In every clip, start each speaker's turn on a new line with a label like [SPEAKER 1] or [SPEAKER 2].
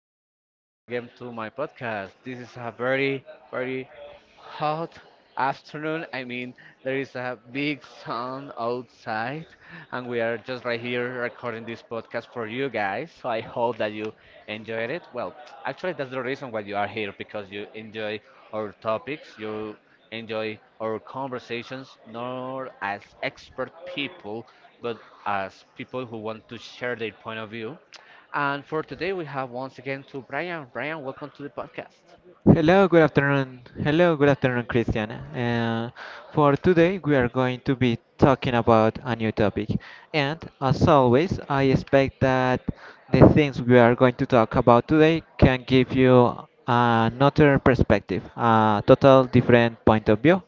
[SPEAKER 1] and welcome once again to my podcast. This is a very, very hot afternoon. I mean, there is a big sun outside, and we are just right here recording this podcast for you guys. So I hope that you enjoyed it. Well, actually, that's the reason why you are here because you enjoy our topics, you enjoy our conversations, not as expert people, but as people who want to share their point of view. And for today, we have once again to Brian. Brian, welcome to the podcast.
[SPEAKER 2] Hello, good afternoon. Hello, good afternoon, Christian. For today, we are going to be talking about a new topic. And as always, I expect that the things we are going to talk about today can give you another perspective, a total different point of view,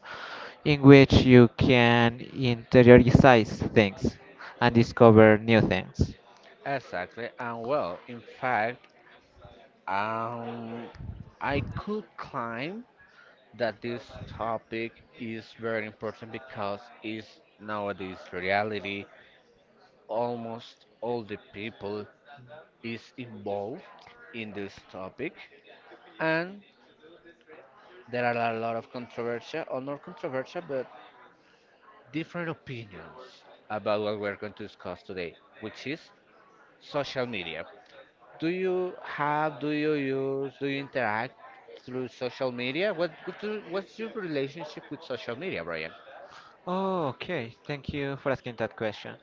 [SPEAKER 2] in which you can interiorize things and discover new things.
[SPEAKER 1] Exactly, and well, in fact, um, I could claim that this topic is very important because it's nowadays reality. Almost all the people is involved in this topic, and there are a lot of controversial or not controversial, but different opinions about what we're going to discuss today, which is social media. Do you have, do you use, do you interact through social media? What's your relationship with social media, Brian?
[SPEAKER 2] Oh, okay. Thank you for asking that question.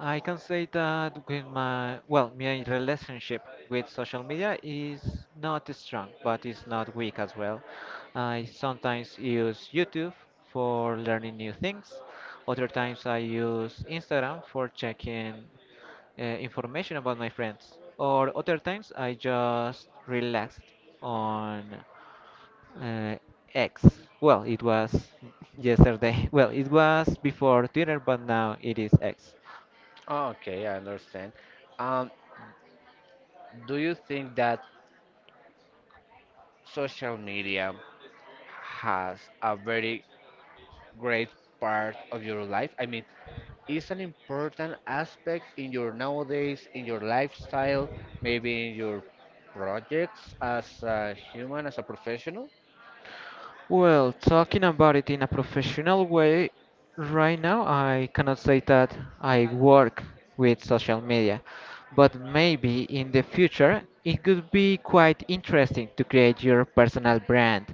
[SPEAKER 2] I can say that with my, well, my relationship with social media is not strong, but it's not weak as well. I sometimes use YouTube for learning new things. Other times I use Instagram for checking information about my friends. Or other times I just relaxed on uh, X. Well, it was yesterday. Well, it was before Twitter, but now it is X.
[SPEAKER 1] Okay, I understand. Um, do you think that social media has a very great part of your life? I mean, is an important aspect in your nowadays, in your lifestyle, maybe in your projects as a human, as a professional?
[SPEAKER 2] Well, talking about it in a professional way, right now I cannot say that I work with social media, but maybe in the future it could be quite interesting to create your personal brand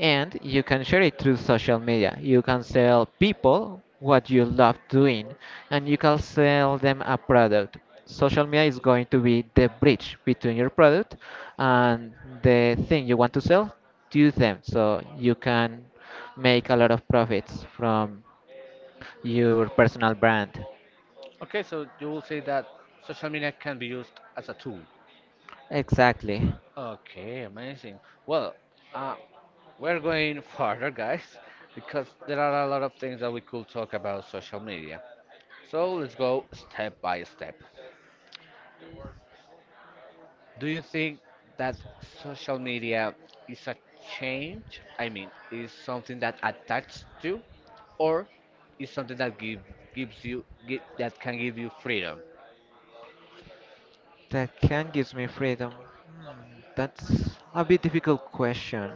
[SPEAKER 2] and you can share it through social media. You can sell people what you love doing and you can sell them a product. Social media is going to be the bridge between your product and the thing you want to sell to them. So you can make a lot of profits from your personal brand.
[SPEAKER 1] Okay, so you will say that social media can be used as a tool.
[SPEAKER 2] Exactly.
[SPEAKER 1] Okay, amazing. Well, uh, we're going further, guys, because there are a lot of things that we could talk about social media. So let's go step by step. Do you think that social media is a change? I mean, is something that attached to, or is something that give, gives you gi- that can give you freedom?
[SPEAKER 2] That can gives me freedom. Hmm, that's a bit difficult question.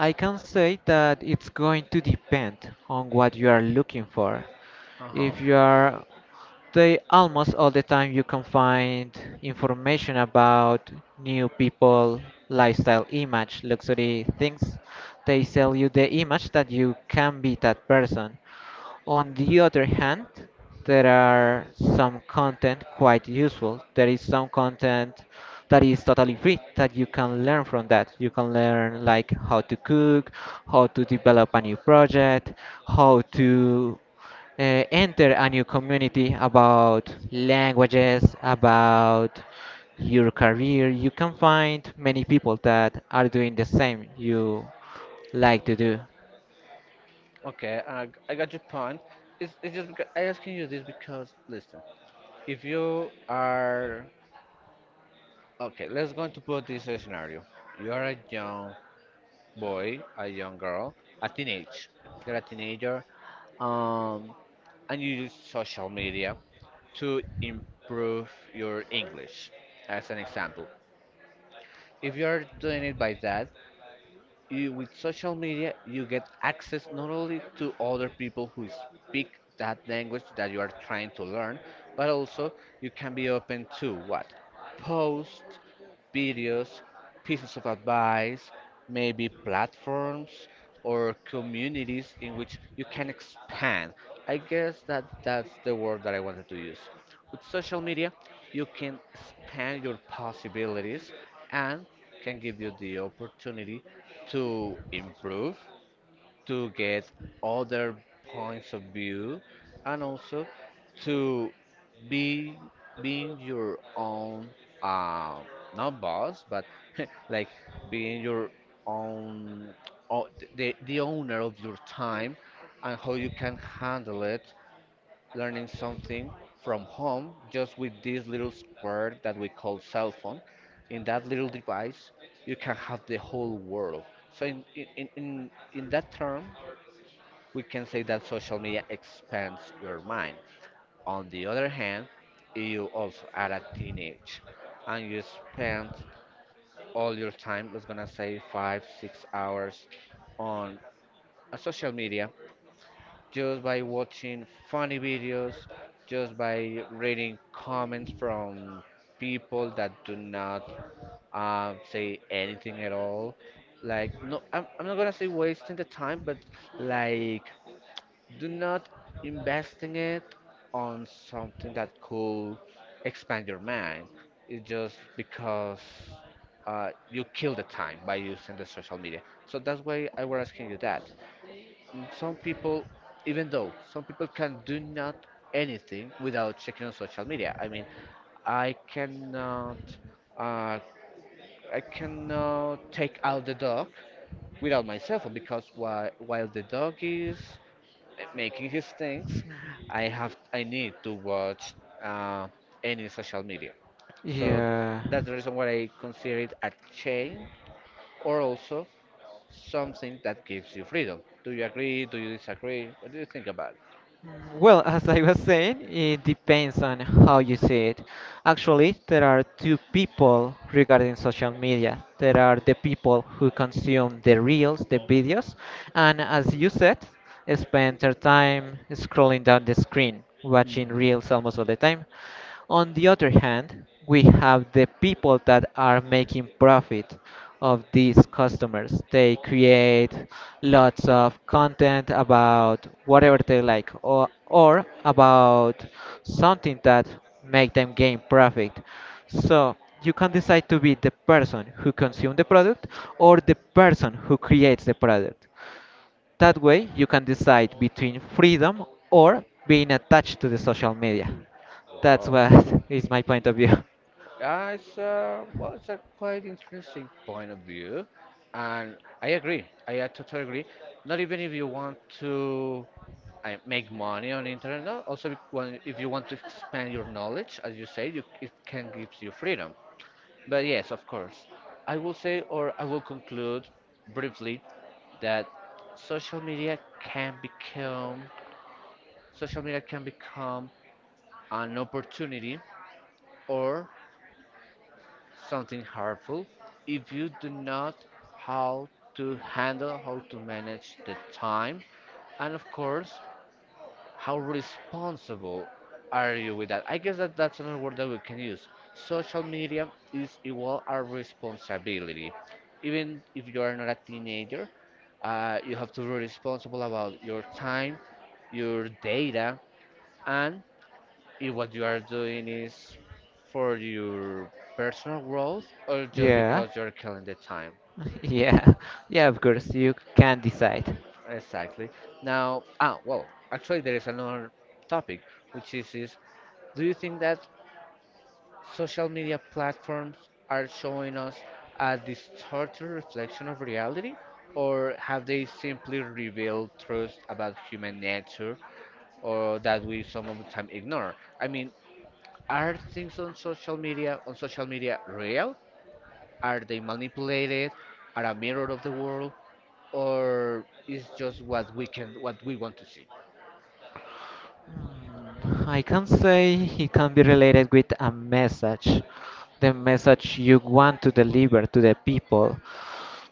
[SPEAKER 2] I can say that it's going to depend on what you are looking for.
[SPEAKER 1] Uh huh.
[SPEAKER 2] If you are, they almost all the time you can find information about new people, lifestyle, image, luxury things. They sell you the image that you can be that person. On the other hand, there are some content quite useful. There is some content that is totally free that you can learn from that. You can learn like how to cook, how to develop a new project, how to enter a new community about languages, about your career. You can find many people that are doing the same you like to do.
[SPEAKER 1] Okay, I got your point. It's just because, I asking you this because listen, if you are okay, let's go to put this scenario. You are a young boy, a young girl, a teenage. You're a teenager, um, and you use social media to improve your English, as an example. If you are doing it by that, with social media, you get access not only to other people who speak that language that you are trying to learn, but also you can be open to what? Posts, videos, pieces of advice, maybe platforms or communities in which you can expand. I guess that that's the word that I wanted to use. With social media, you can expand your possibilities and can give you the opportunity to improve, to get other points of view, and also to be being your own, uh, not boss, but like being your own, o- the owner of your time and how you can handle it learning something from home just with this little square that we call cell phone. In that little device, you can have the whole world. So, in that term, we can say that social media expands your mind. On the other hand, you also are a teenage and you spend all your time, let's gonna say 5, 6 hours on a social media just by watching funny videos, just by reading comments from people that do not say anything at all. Like, no, I'm not gonna say wasting the time, but like, do not investing it on something that could expand your mind. It's just because you kill the time by using the social media. So that's why I were asking you that. Some people, even though some people can do not anything without checking on social media. I mean, I cannot, uh, I cannot take out the dog without my cell phone because while the dog is making his things, I need to watch uh, any social media. So
[SPEAKER 2] Yeah.
[SPEAKER 1] that's the reason why I consider it a chain or also something that gives you freedom. Do you agree? Do you disagree? What do you think about it?
[SPEAKER 2] Mm. Well, as I was saying, it depends on how you see it. Actually, there are two people regarding social media. There are the people who consume the reels, the videos, and as you said, spend their time scrolling down the screen watching
[SPEAKER 1] Hmm.
[SPEAKER 2] reels almost all the time. On the other hand, we have the people that are making profit of these customers. They create lots of content about whatever they like or about something that make them gain profit. So you can decide to be the person who consumes the product or the person who creates the product. That way, you can decide between freedom or being attached to the social media. That's
[SPEAKER 1] Wow,
[SPEAKER 2] what is my point of view.
[SPEAKER 1] that's well, it's a quite interesting point of view, and I agree. I totally agree. Not even if you want to make money on internet, no. Also, if you want to expand your knowledge, as you say, it can give you freedom. But yes, of course, I will say, or I will conclude briefly that social media can become social media can become an opportunity or something harmful if you do not how how to manage the time, and of course, how responsible are you with that. I guess that that's another word that we can use. Social media is equal our responsibility, even if you are not a teenager. You have to be responsible about your time, your data, and if what you are doing is for your personal growth or just
[SPEAKER 2] Yeah,
[SPEAKER 1] because you're killing the time.
[SPEAKER 2] yeah, yeah, of course, you can decide.
[SPEAKER 1] Exactly. Now, well, actually, there is another topic, which is, do you think that social media platforms are showing us a distorted reflection of reality, or have they simply revealed truths about human nature or that we some of the time ignore? I mean, are things on social media real? Are they manipulated? Are a mirror of the world, or is just what we want to see?
[SPEAKER 2] Hmm, I can say it can be related with a message, the message you want to deliver to the people.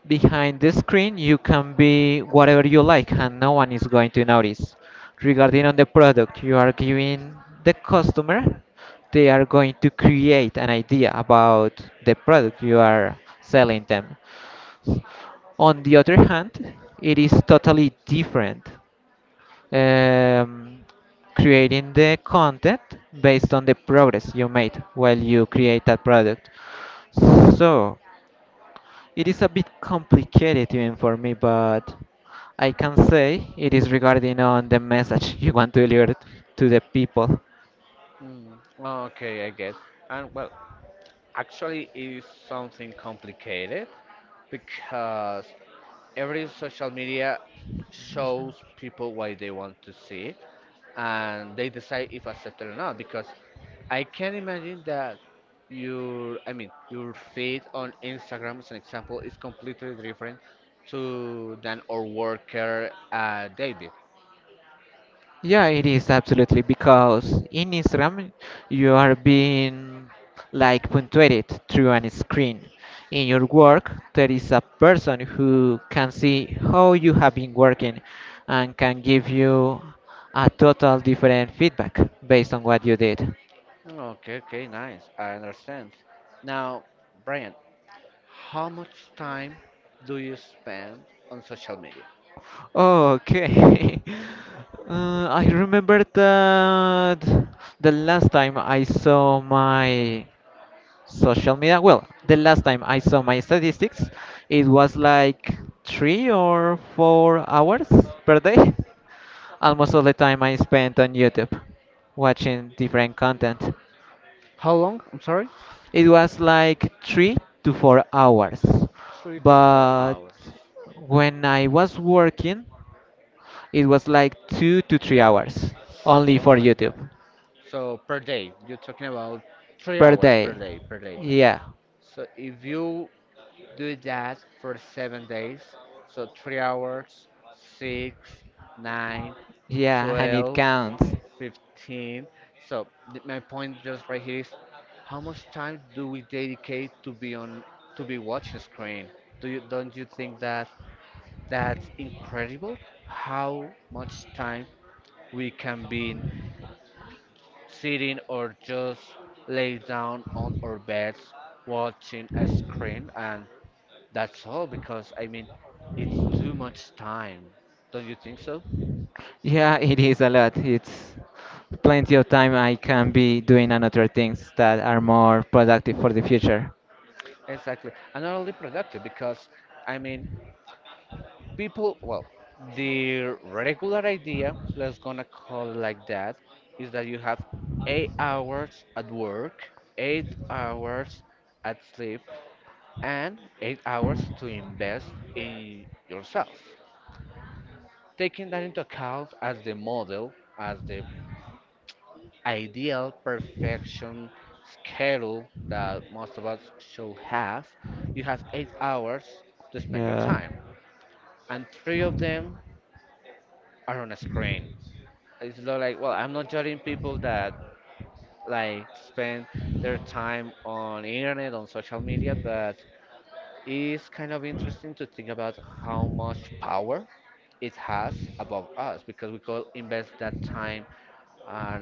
[SPEAKER 2] Behind the screen, you can be whatever you like, and no one is going to notice. Regarding on the product you are giving the customer, they are going to create an idea about the product you are selling them. On the other hand, it is totally different um, creating the content based on the progress you made while you create that product. So it is a bit complicated even for me, but I can say it is regarding on the message you want to deliver to the people.
[SPEAKER 1] Mm, okay, I get. And well, actually it's something complicated because every social media shows people what they want to see and they decide if accepted or not, because I can imagine that your I mean your feed on Instagram as an example is completely different to than our worker David.
[SPEAKER 2] Yeah, it is absolutely because in Instagram you are being like punctuated through a screen. In your work, there is a person who can see how you have been working and can give you a total different feedback based on what you did.
[SPEAKER 1] Okay, okay, nice. I understand. Now, Brian, how much time do you spend on social media?
[SPEAKER 2] Okay. I remember that the last time I saw my social media, well, the last time I saw my statistics, it was like 3 or 4 hours per day. Almost all the time I spent on YouTube watching different content.
[SPEAKER 1] How long? I'm sorry?
[SPEAKER 2] It was like 3 to 4 hours,
[SPEAKER 1] Three to four
[SPEAKER 2] but
[SPEAKER 1] hours.
[SPEAKER 2] when I was working, it was like 2 to 3 hours only
[SPEAKER 1] Oh
[SPEAKER 2] for
[SPEAKER 1] my god.
[SPEAKER 2] YouTube.
[SPEAKER 1] So per day, you're talking about three
[SPEAKER 2] Per
[SPEAKER 1] hours
[SPEAKER 2] day,
[SPEAKER 1] per day, per day.
[SPEAKER 2] yeah.
[SPEAKER 1] So if you do that for 7 days. So 3 hours, 6, 9,
[SPEAKER 2] Yeah, and it
[SPEAKER 1] 12,
[SPEAKER 2] counts.
[SPEAKER 1] 15. So my point just right here is how much time do we dedicate to be watching a screen? Do you don't you think that that's incredible? How much time we can be sitting or just lay down on our beds watching a screen, and that's all because I mean, it's too much time. Don't you think so?
[SPEAKER 2] Yeah, it is a lot. It's plenty of time I can be doing another things that are more productive for the future.
[SPEAKER 1] Exactly. And not only productive because I mean, people, well, the regular idea, let's gonna call it like that, is that you have 8 hours at work, 8 hours at sleep, and 8 hours
[SPEAKER 2] Mm.
[SPEAKER 1] to invest in yourself. Taking that into account as the model, as the ideal perfection schedule that most of us should have, you have 8 hours to spend your
[SPEAKER 2] Yeah.
[SPEAKER 1] time, and three of them are on a screen. It's not like, well, I'm not judging people that like spend their time on internet, on social media, but it's kind of interesting to think about how much power it has above us because we could invest that time, uh,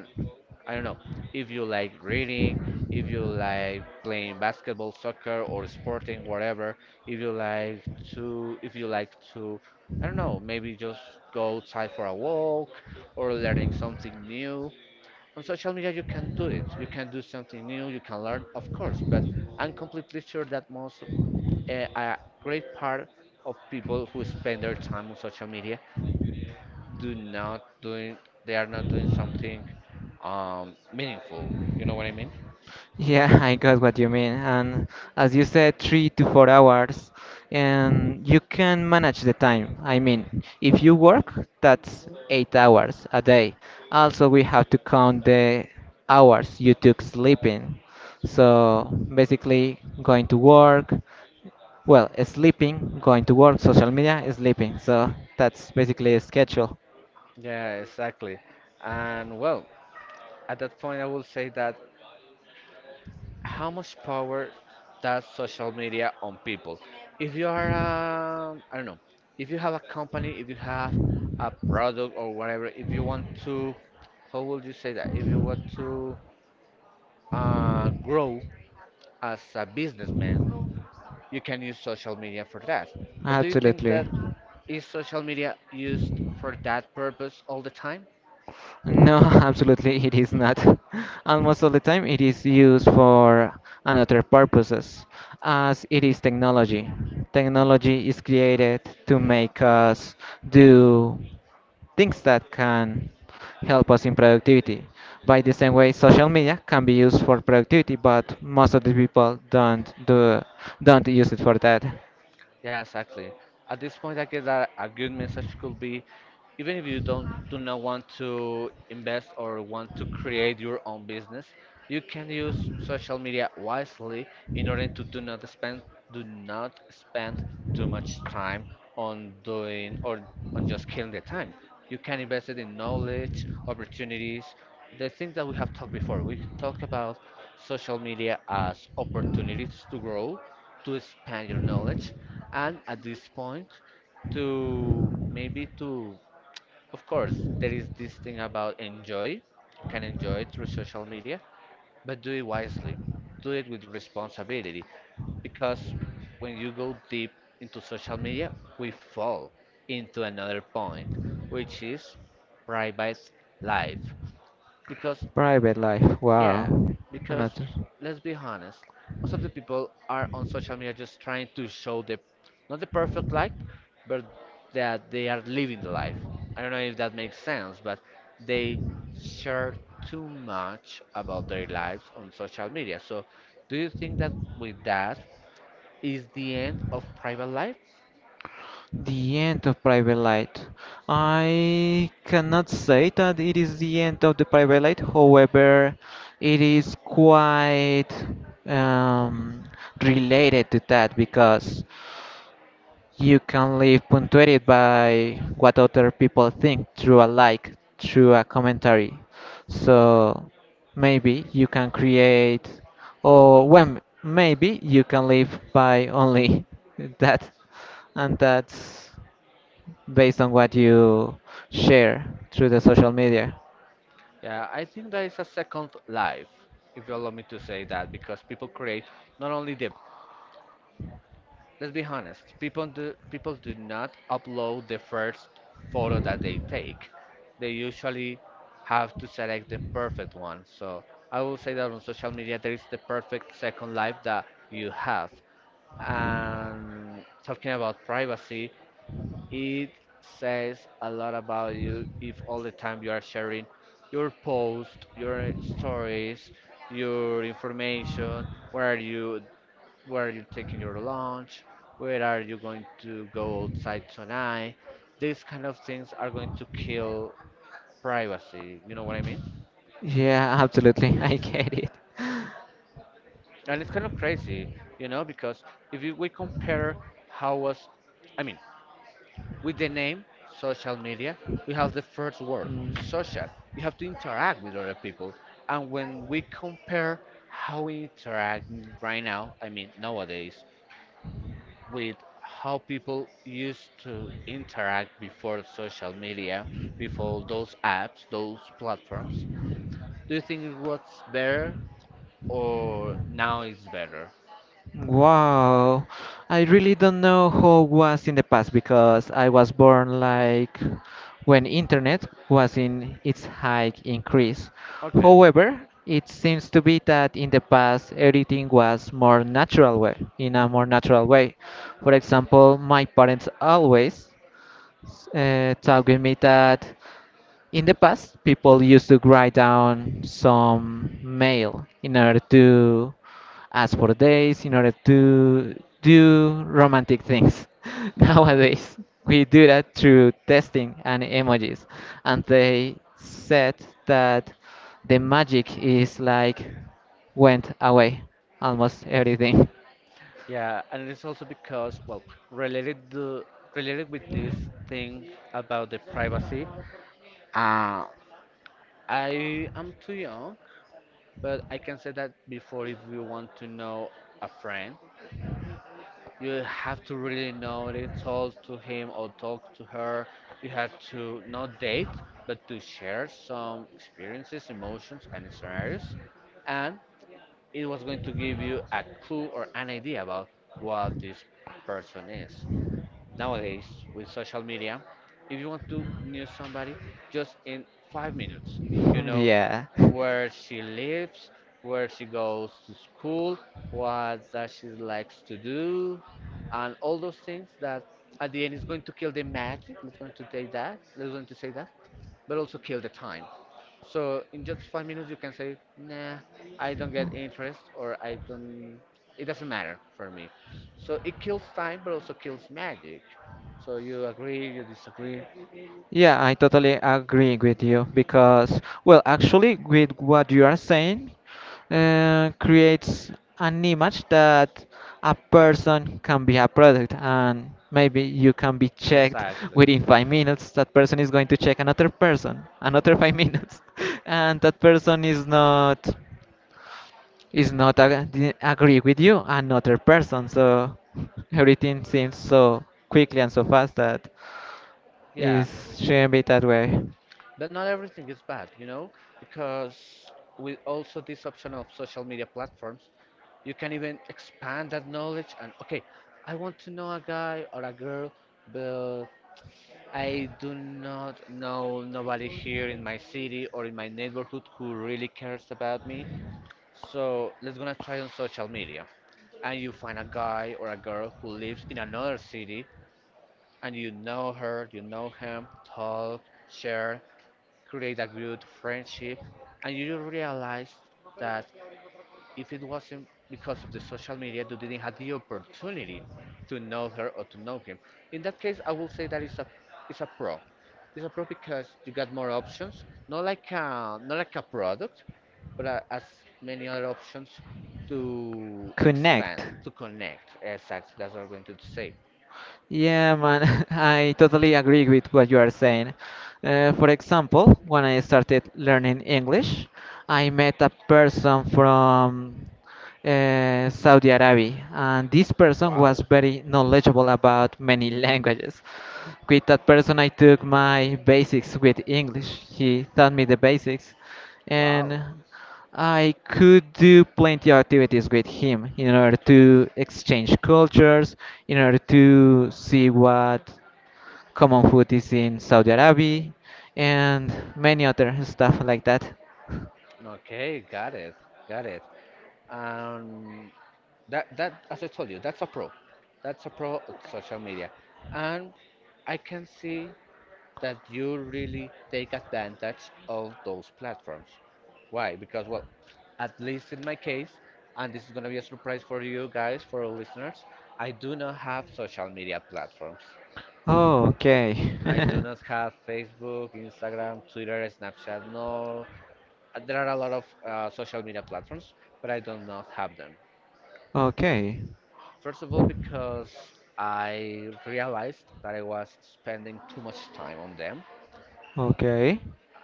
[SPEAKER 1] I don't know, if you like reading, if you like playing basketball, soccer, or sporting, whatever, if you like to, if you like to, I don't know, maybe just go outside for a walk or learning something new. On social media, you can do it. You can do something new, you can learn, of course, but I'm completely sure that a great part of people who spend their time on social media do not doing they are not doing something meaningful. You know what I mean?
[SPEAKER 2] Yeah, I got what you mean. And as you said, 3 to 4 hours, and you can manage the time. I mean, if you work, that's 8 hours a day. Also, we have to count the hours you took sleeping. So basically, going to work. Well, sleeping, going to work, social media, sleeping. So that's basically a schedule.
[SPEAKER 1] Yeah, exactly. And well, at that point, I will say that how much power does social media on people? If you are, I don't know, if you have a company, if you have a product or whatever, if you want to, how would you say that? If you want to grow as a businessman, you can use social media for that. But do you think
[SPEAKER 2] Absolutely.
[SPEAKER 1] that Is social media used for that purpose all the time?
[SPEAKER 2] No, absolutely it is not. And most of the time it is used for another purposes, as it is technology.
[SPEAKER 1] Hmm.
[SPEAKER 2] Technology is created to make us do things that can help us in productivity. By the same way, social media can be used for productivity, but most of the people don't use it for that.
[SPEAKER 1] Yeah, exactly. At this point, I guess that a good message could be, even if you don't do not want to invest or want to create your own business, you can use social media wisely in order to do not spend too much time on doing or on just killing the time. You can invest it in knowledge, opportunities, the things that we have talked before. We talk about social media as opportunities to grow, to expand your knowledge, and at this point, to maybe to of course, there is this thing about enjoy, you can enjoy it through social media, but do it wisely, do it with responsibility, because when you go deep into social media, we fall into another point, which is private life, because
[SPEAKER 2] Private life.
[SPEAKER 1] yeah,
[SPEAKER 2] Wow.
[SPEAKER 1] because
[SPEAKER 2] Another.
[SPEAKER 1] let's be honest, most of the people are on social media just trying to show the not the perfect life, but that they are living the life. I don't know if that makes sense, but they share too much about their lives on social media. So, do you think that with that is the end of private life?
[SPEAKER 2] The end of private life. I cannot say that it is the end of the private life. However, it is quite um, related to that because you can live punctuated by what other people think through a like, through a commentary. So maybe you can create, or when maybe you can live by only that, and that's based on what you share through the social media.
[SPEAKER 1] Yeah, I think that is a second life, if you allow me to say that, because people create not only the let's be honest, people do not upload the first photo that they take. They usually have to select the perfect one. So I will say that on social media there is the perfect second life that you have. And talking about privacy, it says a lot about you if all the time you are sharing your post, your stories, your information, where are you where are you taking your lunch, where are you going to go outside tonight. These kind of things are going to kill privacy, you know what I mean?
[SPEAKER 2] Yeah, absolutely, I get it.
[SPEAKER 1] And it's, kind of crazy you know, because if you, we compare how was, I mean, with the name social media, we have the first word,
[SPEAKER 2] Mm.
[SPEAKER 1] social. You have to interact with other people. And when we compare how we interact right now, I mean, nowadays, with how people used to interact before social media, before those apps, those platforms. Do you think it was better or now it's better?
[SPEAKER 2] Wow, I really don't know how it was in the past because I was born like when internet was in its high increase.
[SPEAKER 1] Okay.
[SPEAKER 2] However, it seems to be that in the past everything was more natural way, in a more
[SPEAKER 1] Hmm.
[SPEAKER 2] natural way. For example, my parents always told me that in the past, people used to write down some mail in order to ask for days, in order to do romantic things.
[SPEAKER 1] Uh-huh.
[SPEAKER 2] Nowadays, we do that through testing and emojis. And they said that the magic is like went away, almost everything.
[SPEAKER 1] Yeah, and it's also because, well, related to related with this thing about the privacy. Uh, I am too young, but I can say that before if you want to know a friend you have to really know it, talk to him or talk to her. You have to not date, but to share some experiences, emotions, and scenarios. And it was going to give you a clue or an idea about what this person is. Nowadays, with social media, if you want to know somebody just in 5 minutes, you know
[SPEAKER 2] Yeah.
[SPEAKER 1] where she lives, where she goes to school, what that she likes to do, and all those things that at the end is going to kill the magic. Let's going to take that. Let's going to say that but also kill the time. So in just 5 minutes, you can say, nah, I don't get interest or I don't, it doesn't matter for me. So it kills time, but also kills magic. So you agree, you disagree.
[SPEAKER 2] Yeah, I totally agree with you because, well, actually, with what you are saying, creates an image that a person can be a product, and maybe you can be checked
[SPEAKER 1] Exactly.
[SPEAKER 2] within 5 minutes. That person is going to check another person, another 5 minutes, and that person is not agree with you, another person. So everything seems so quickly and so fast that it
[SPEAKER 1] Yeah,
[SPEAKER 2] shouldn't be that way.
[SPEAKER 1] but not everything is bad, because with also this option of social media platforms, you can even expand that knowledge. And okay, I want to know a guy or a girl, but I do not know nobody here in my city or in my neighborhood who really cares about me. So let's gonna try on social media. And you find a guy or a girl who lives in another city, and you know her, you know him, talk, share create a good friendship, and you realize that if it wasn't because of the social media, you didn't have the opportunity to know her or to know him. In that case, I will say that it's a pro. It's a pro because you got more options, not like a product, as many other options to
[SPEAKER 2] Connect.
[SPEAKER 1] expand, to connect. Exactly, that's what I'm going to say.
[SPEAKER 2] Yeah, man, I totally agree with what you are saying. For example, when I started learning English, I met a person from Saudi Arabia, and this person was
[SPEAKER 1] Wow,
[SPEAKER 2] very knowledgeable about many languages. With that person, I took my basics with English. He taught me the basics,
[SPEAKER 1] wow.
[SPEAKER 2] and I could do plenty of activities with him in order to exchange cultures, in order to see what common food is in Saudi Arabia, and many other stuff like that.
[SPEAKER 1] Okay, got it, got it. Um, that as I told you, that's a pro. That's a pro of social media, and I can see that you really take advantage of those platforms. Why? Because well, at least in my case, and this is gonna be a surprise for you guys, for our listeners, I do not have social media platforms.
[SPEAKER 2] Oh, okay.
[SPEAKER 1] I do not have Facebook, Instagram, Twitter, Snapchat, no. There are a lot of social media platforms, but I do not have them.
[SPEAKER 2] Okay.
[SPEAKER 1] First of all, because I realized that I was spending too much time on them.
[SPEAKER 2] Okay.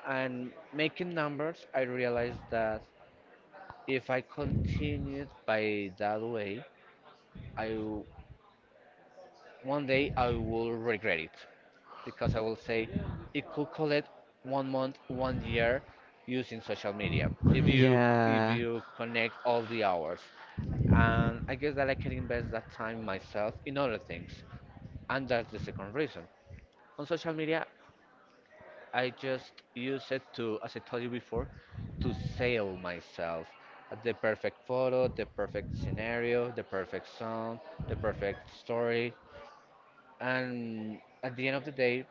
[SPEAKER 1] And making numbers, I realized that if I continued by that way, I w- one day I will regret it because I will say it could collect one month, one year using social media if you if
[SPEAKER 2] Yeah.
[SPEAKER 1] you connect all the hours. And I guess that I can invest that time myself in other things. And that's the second reason. On social media, I just use it to, as I told you before, to sell myself. The perfect photo, the perfect scenario, the perfect song, the perfect story. And at the end of the day,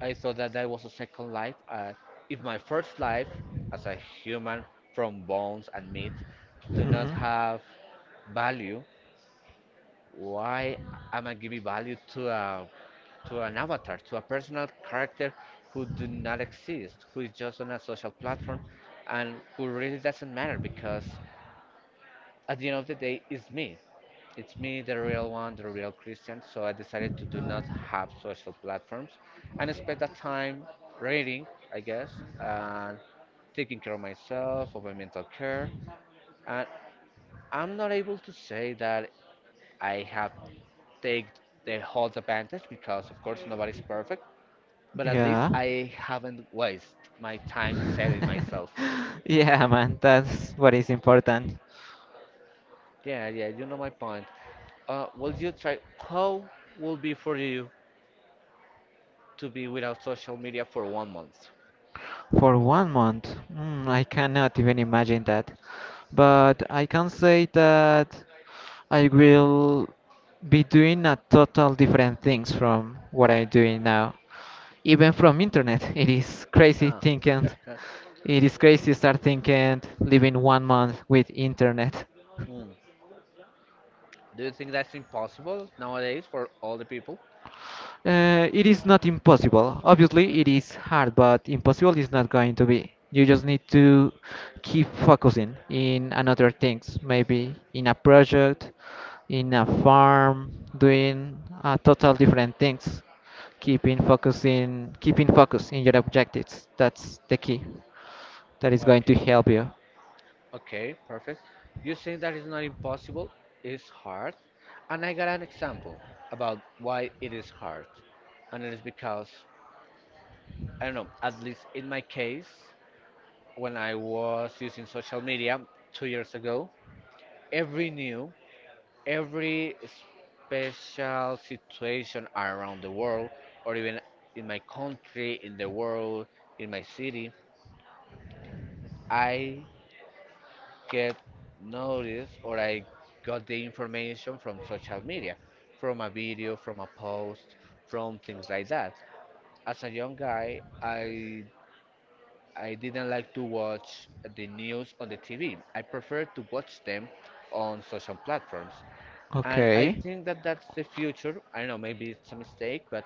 [SPEAKER 1] I thought that that was a second life. If my first life as a human from bones and meat do not
[SPEAKER 2] Mhm.
[SPEAKER 1] have value, why am I giving value to a to an avatar, to a personal character who do not exist, who is just on a social platform, and who really doesn't matter because at the end of the day, it's me. It's me, the real one, the real Christian. So I decided to do not have social platforms and spend that time reading, I guess, and taking care of myself, of my mental care. And I'm not able to say that I have take the whole advantage because, of course, nobody's perfect. But at least
[SPEAKER 2] Yeah.
[SPEAKER 1] I haven't wasted my time selling myself.
[SPEAKER 2] Yeah, man, that's what is important.
[SPEAKER 1] Yeah, yeah, you know my point. Will you try? How will be for you to be without social media for one month?
[SPEAKER 2] For one month, mm, I cannot even imagine that. But I can say that I will be doing a total different things from what I'm doing now. Even from internet, it is crazy
[SPEAKER 1] Ah.
[SPEAKER 2] thinking. It is crazy start thinking living one month with internet.
[SPEAKER 1] Hmm. Do you think that's impossible nowadays for all the people?
[SPEAKER 2] It is not impossible. Obviously, it is hard, but impossible is not going to be. You just need to keep focusing in another things, maybe in a project, in a farm, doing total different things. Keeping focusing, keeping focus in your objectives. That's the key. That is going to
[SPEAKER 1] Okay.
[SPEAKER 2] help you.
[SPEAKER 1] Okay, perfect. You saying that is not impossible. It's hard, and I got an example about why it is hard, and it is because I don't know, at least in my case, when I was using social media 2 years ago, every new, every special situation around the world, or even in my country, in the world, in my city, I get noticed or I got the information from social media, from a video, from a post, from things like that. As a young guy, I didn't like to watch the news on the TV. I prefer to watch them on social platforms. And I
[SPEAKER 2] Okay.
[SPEAKER 1] think that that's the future. I don't know, maybe it's a mistake, but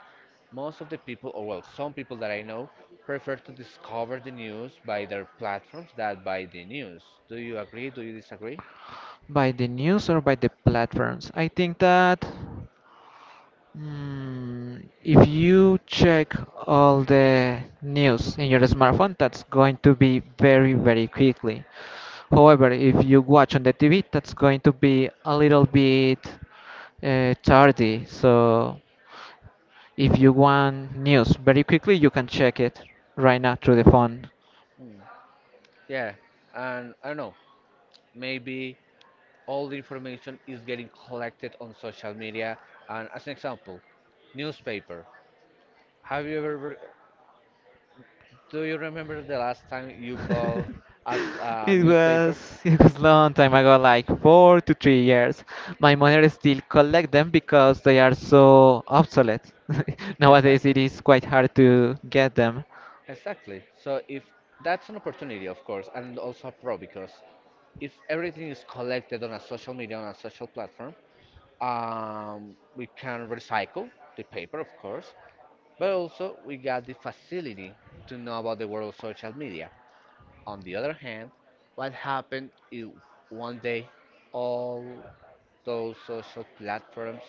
[SPEAKER 1] most of the people, or well, some people that I know, prefer to discover the news by their platforms than by the news. Do you agree? Do you disagree?
[SPEAKER 2] By the news or by the platforms? I think that, mm, if you check all the news in your smartphone, that's going to be very, very quickly. However, if you watch on the TV, that's going to be a little bit tardy. So, if you want news very quickly, you can check it right now through the phone.
[SPEAKER 1] Yeah. And I don't know, maybe all the information is getting collected on social media. And as an example, newspaper. Have you ever Do you remember the last time you bought as a
[SPEAKER 2] It
[SPEAKER 1] newspaper?
[SPEAKER 2] was it was long time ago, like 4 to 3 years. My mother still collect them because they are so obsolete. Nowadays,
[SPEAKER 1] Exactly,
[SPEAKER 2] it is quite hard to get them.
[SPEAKER 1] exactly. So if that's an opportunity, of course, and also a pro because if everything is collected on a social platform, we can recycle the paper, of course, but also we got the facility to know about the world of social media. On the other hand, what happened if one day all those social platforms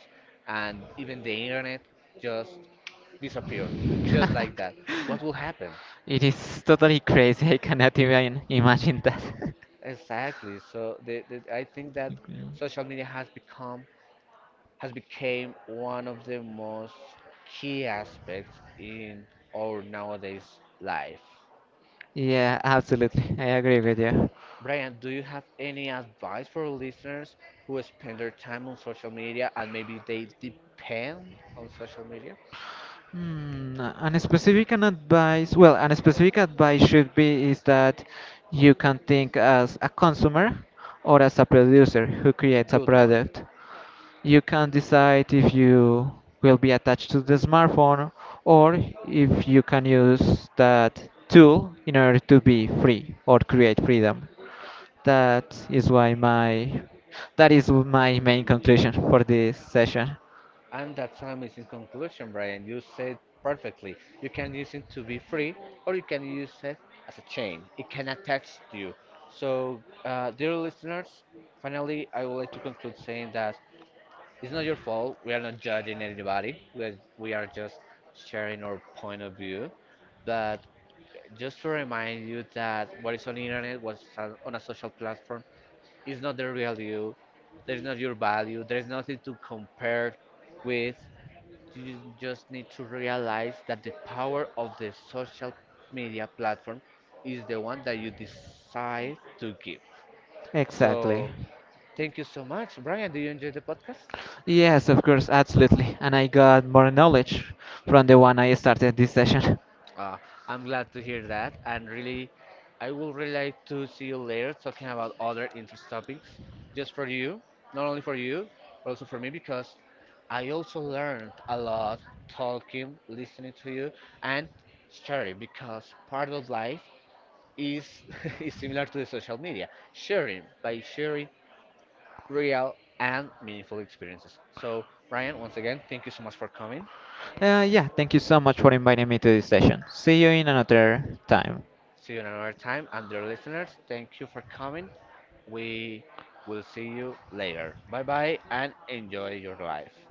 [SPEAKER 1] and even the internet just disappear, just like that. What will happen?
[SPEAKER 2] It is totally crazy. I cannot even imagine that.
[SPEAKER 1] Exactly. So I think that social media has became one of the most key aspects in our nowadays life.
[SPEAKER 2] Yeah, absolutely. I agree with you.
[SPEAKER 1] Brian, do you have any advice for listeners who spend their time on social media and maybe they depend on social media?
[SPEAKER 2] Hmm, and specific an advice, well, an specific advice should be is that you can think as a consumer or as a producer who creates a
[SPEAKER 1] Good one.
[SPEAKER 2] product. You can decide if you will be attached to the smartphone or if you can use that tool in order to be free or create freedom. That is why my that is my main conclusion for this session.
[SPEAKER 1] And that's an amazing conclusion, Brian. You said perfectly. You can use it to be free, or you can use it as a chain. It can attach to you. So, dear listeners, finally, I would like to conclude saying that it's not your fault. We are not judging anybody. We are just sharing our point of view. But just to remind you that what is on the internet, what's on a social platform, is not the real you. There is not your value. There is nothing to compare with. You just need to realize that the power of the social media platform is the one that you decide to give.
[SPEAKER 2] Exactly.
[SPEAKER 1] So, thank you so much. Brian, do you enjoy the podcast?
[SPEAKER 2] Yes, of course, absolutely. And I got more knowledge from the one I started this session.
[SPEAKER 1] Uh, I'm glad to hear that. And really, I will really like to see you later talking about other interest topics just for you, not only for you, but also for me because I also learned a lot talking, listening to you, and sharing because part of life is is similar to the social media, sharing by sharing real and meaningful experiences. So, Ryan, once again, thank you so much for coming.
[SPEAKER 2] Yeah, thank you so much for inviting me to this session. See you in another time.
[SPEAKER 1] See you another time, and dear listeners, thank you for coming. We will see you later. Bye bye, and enjoy your life.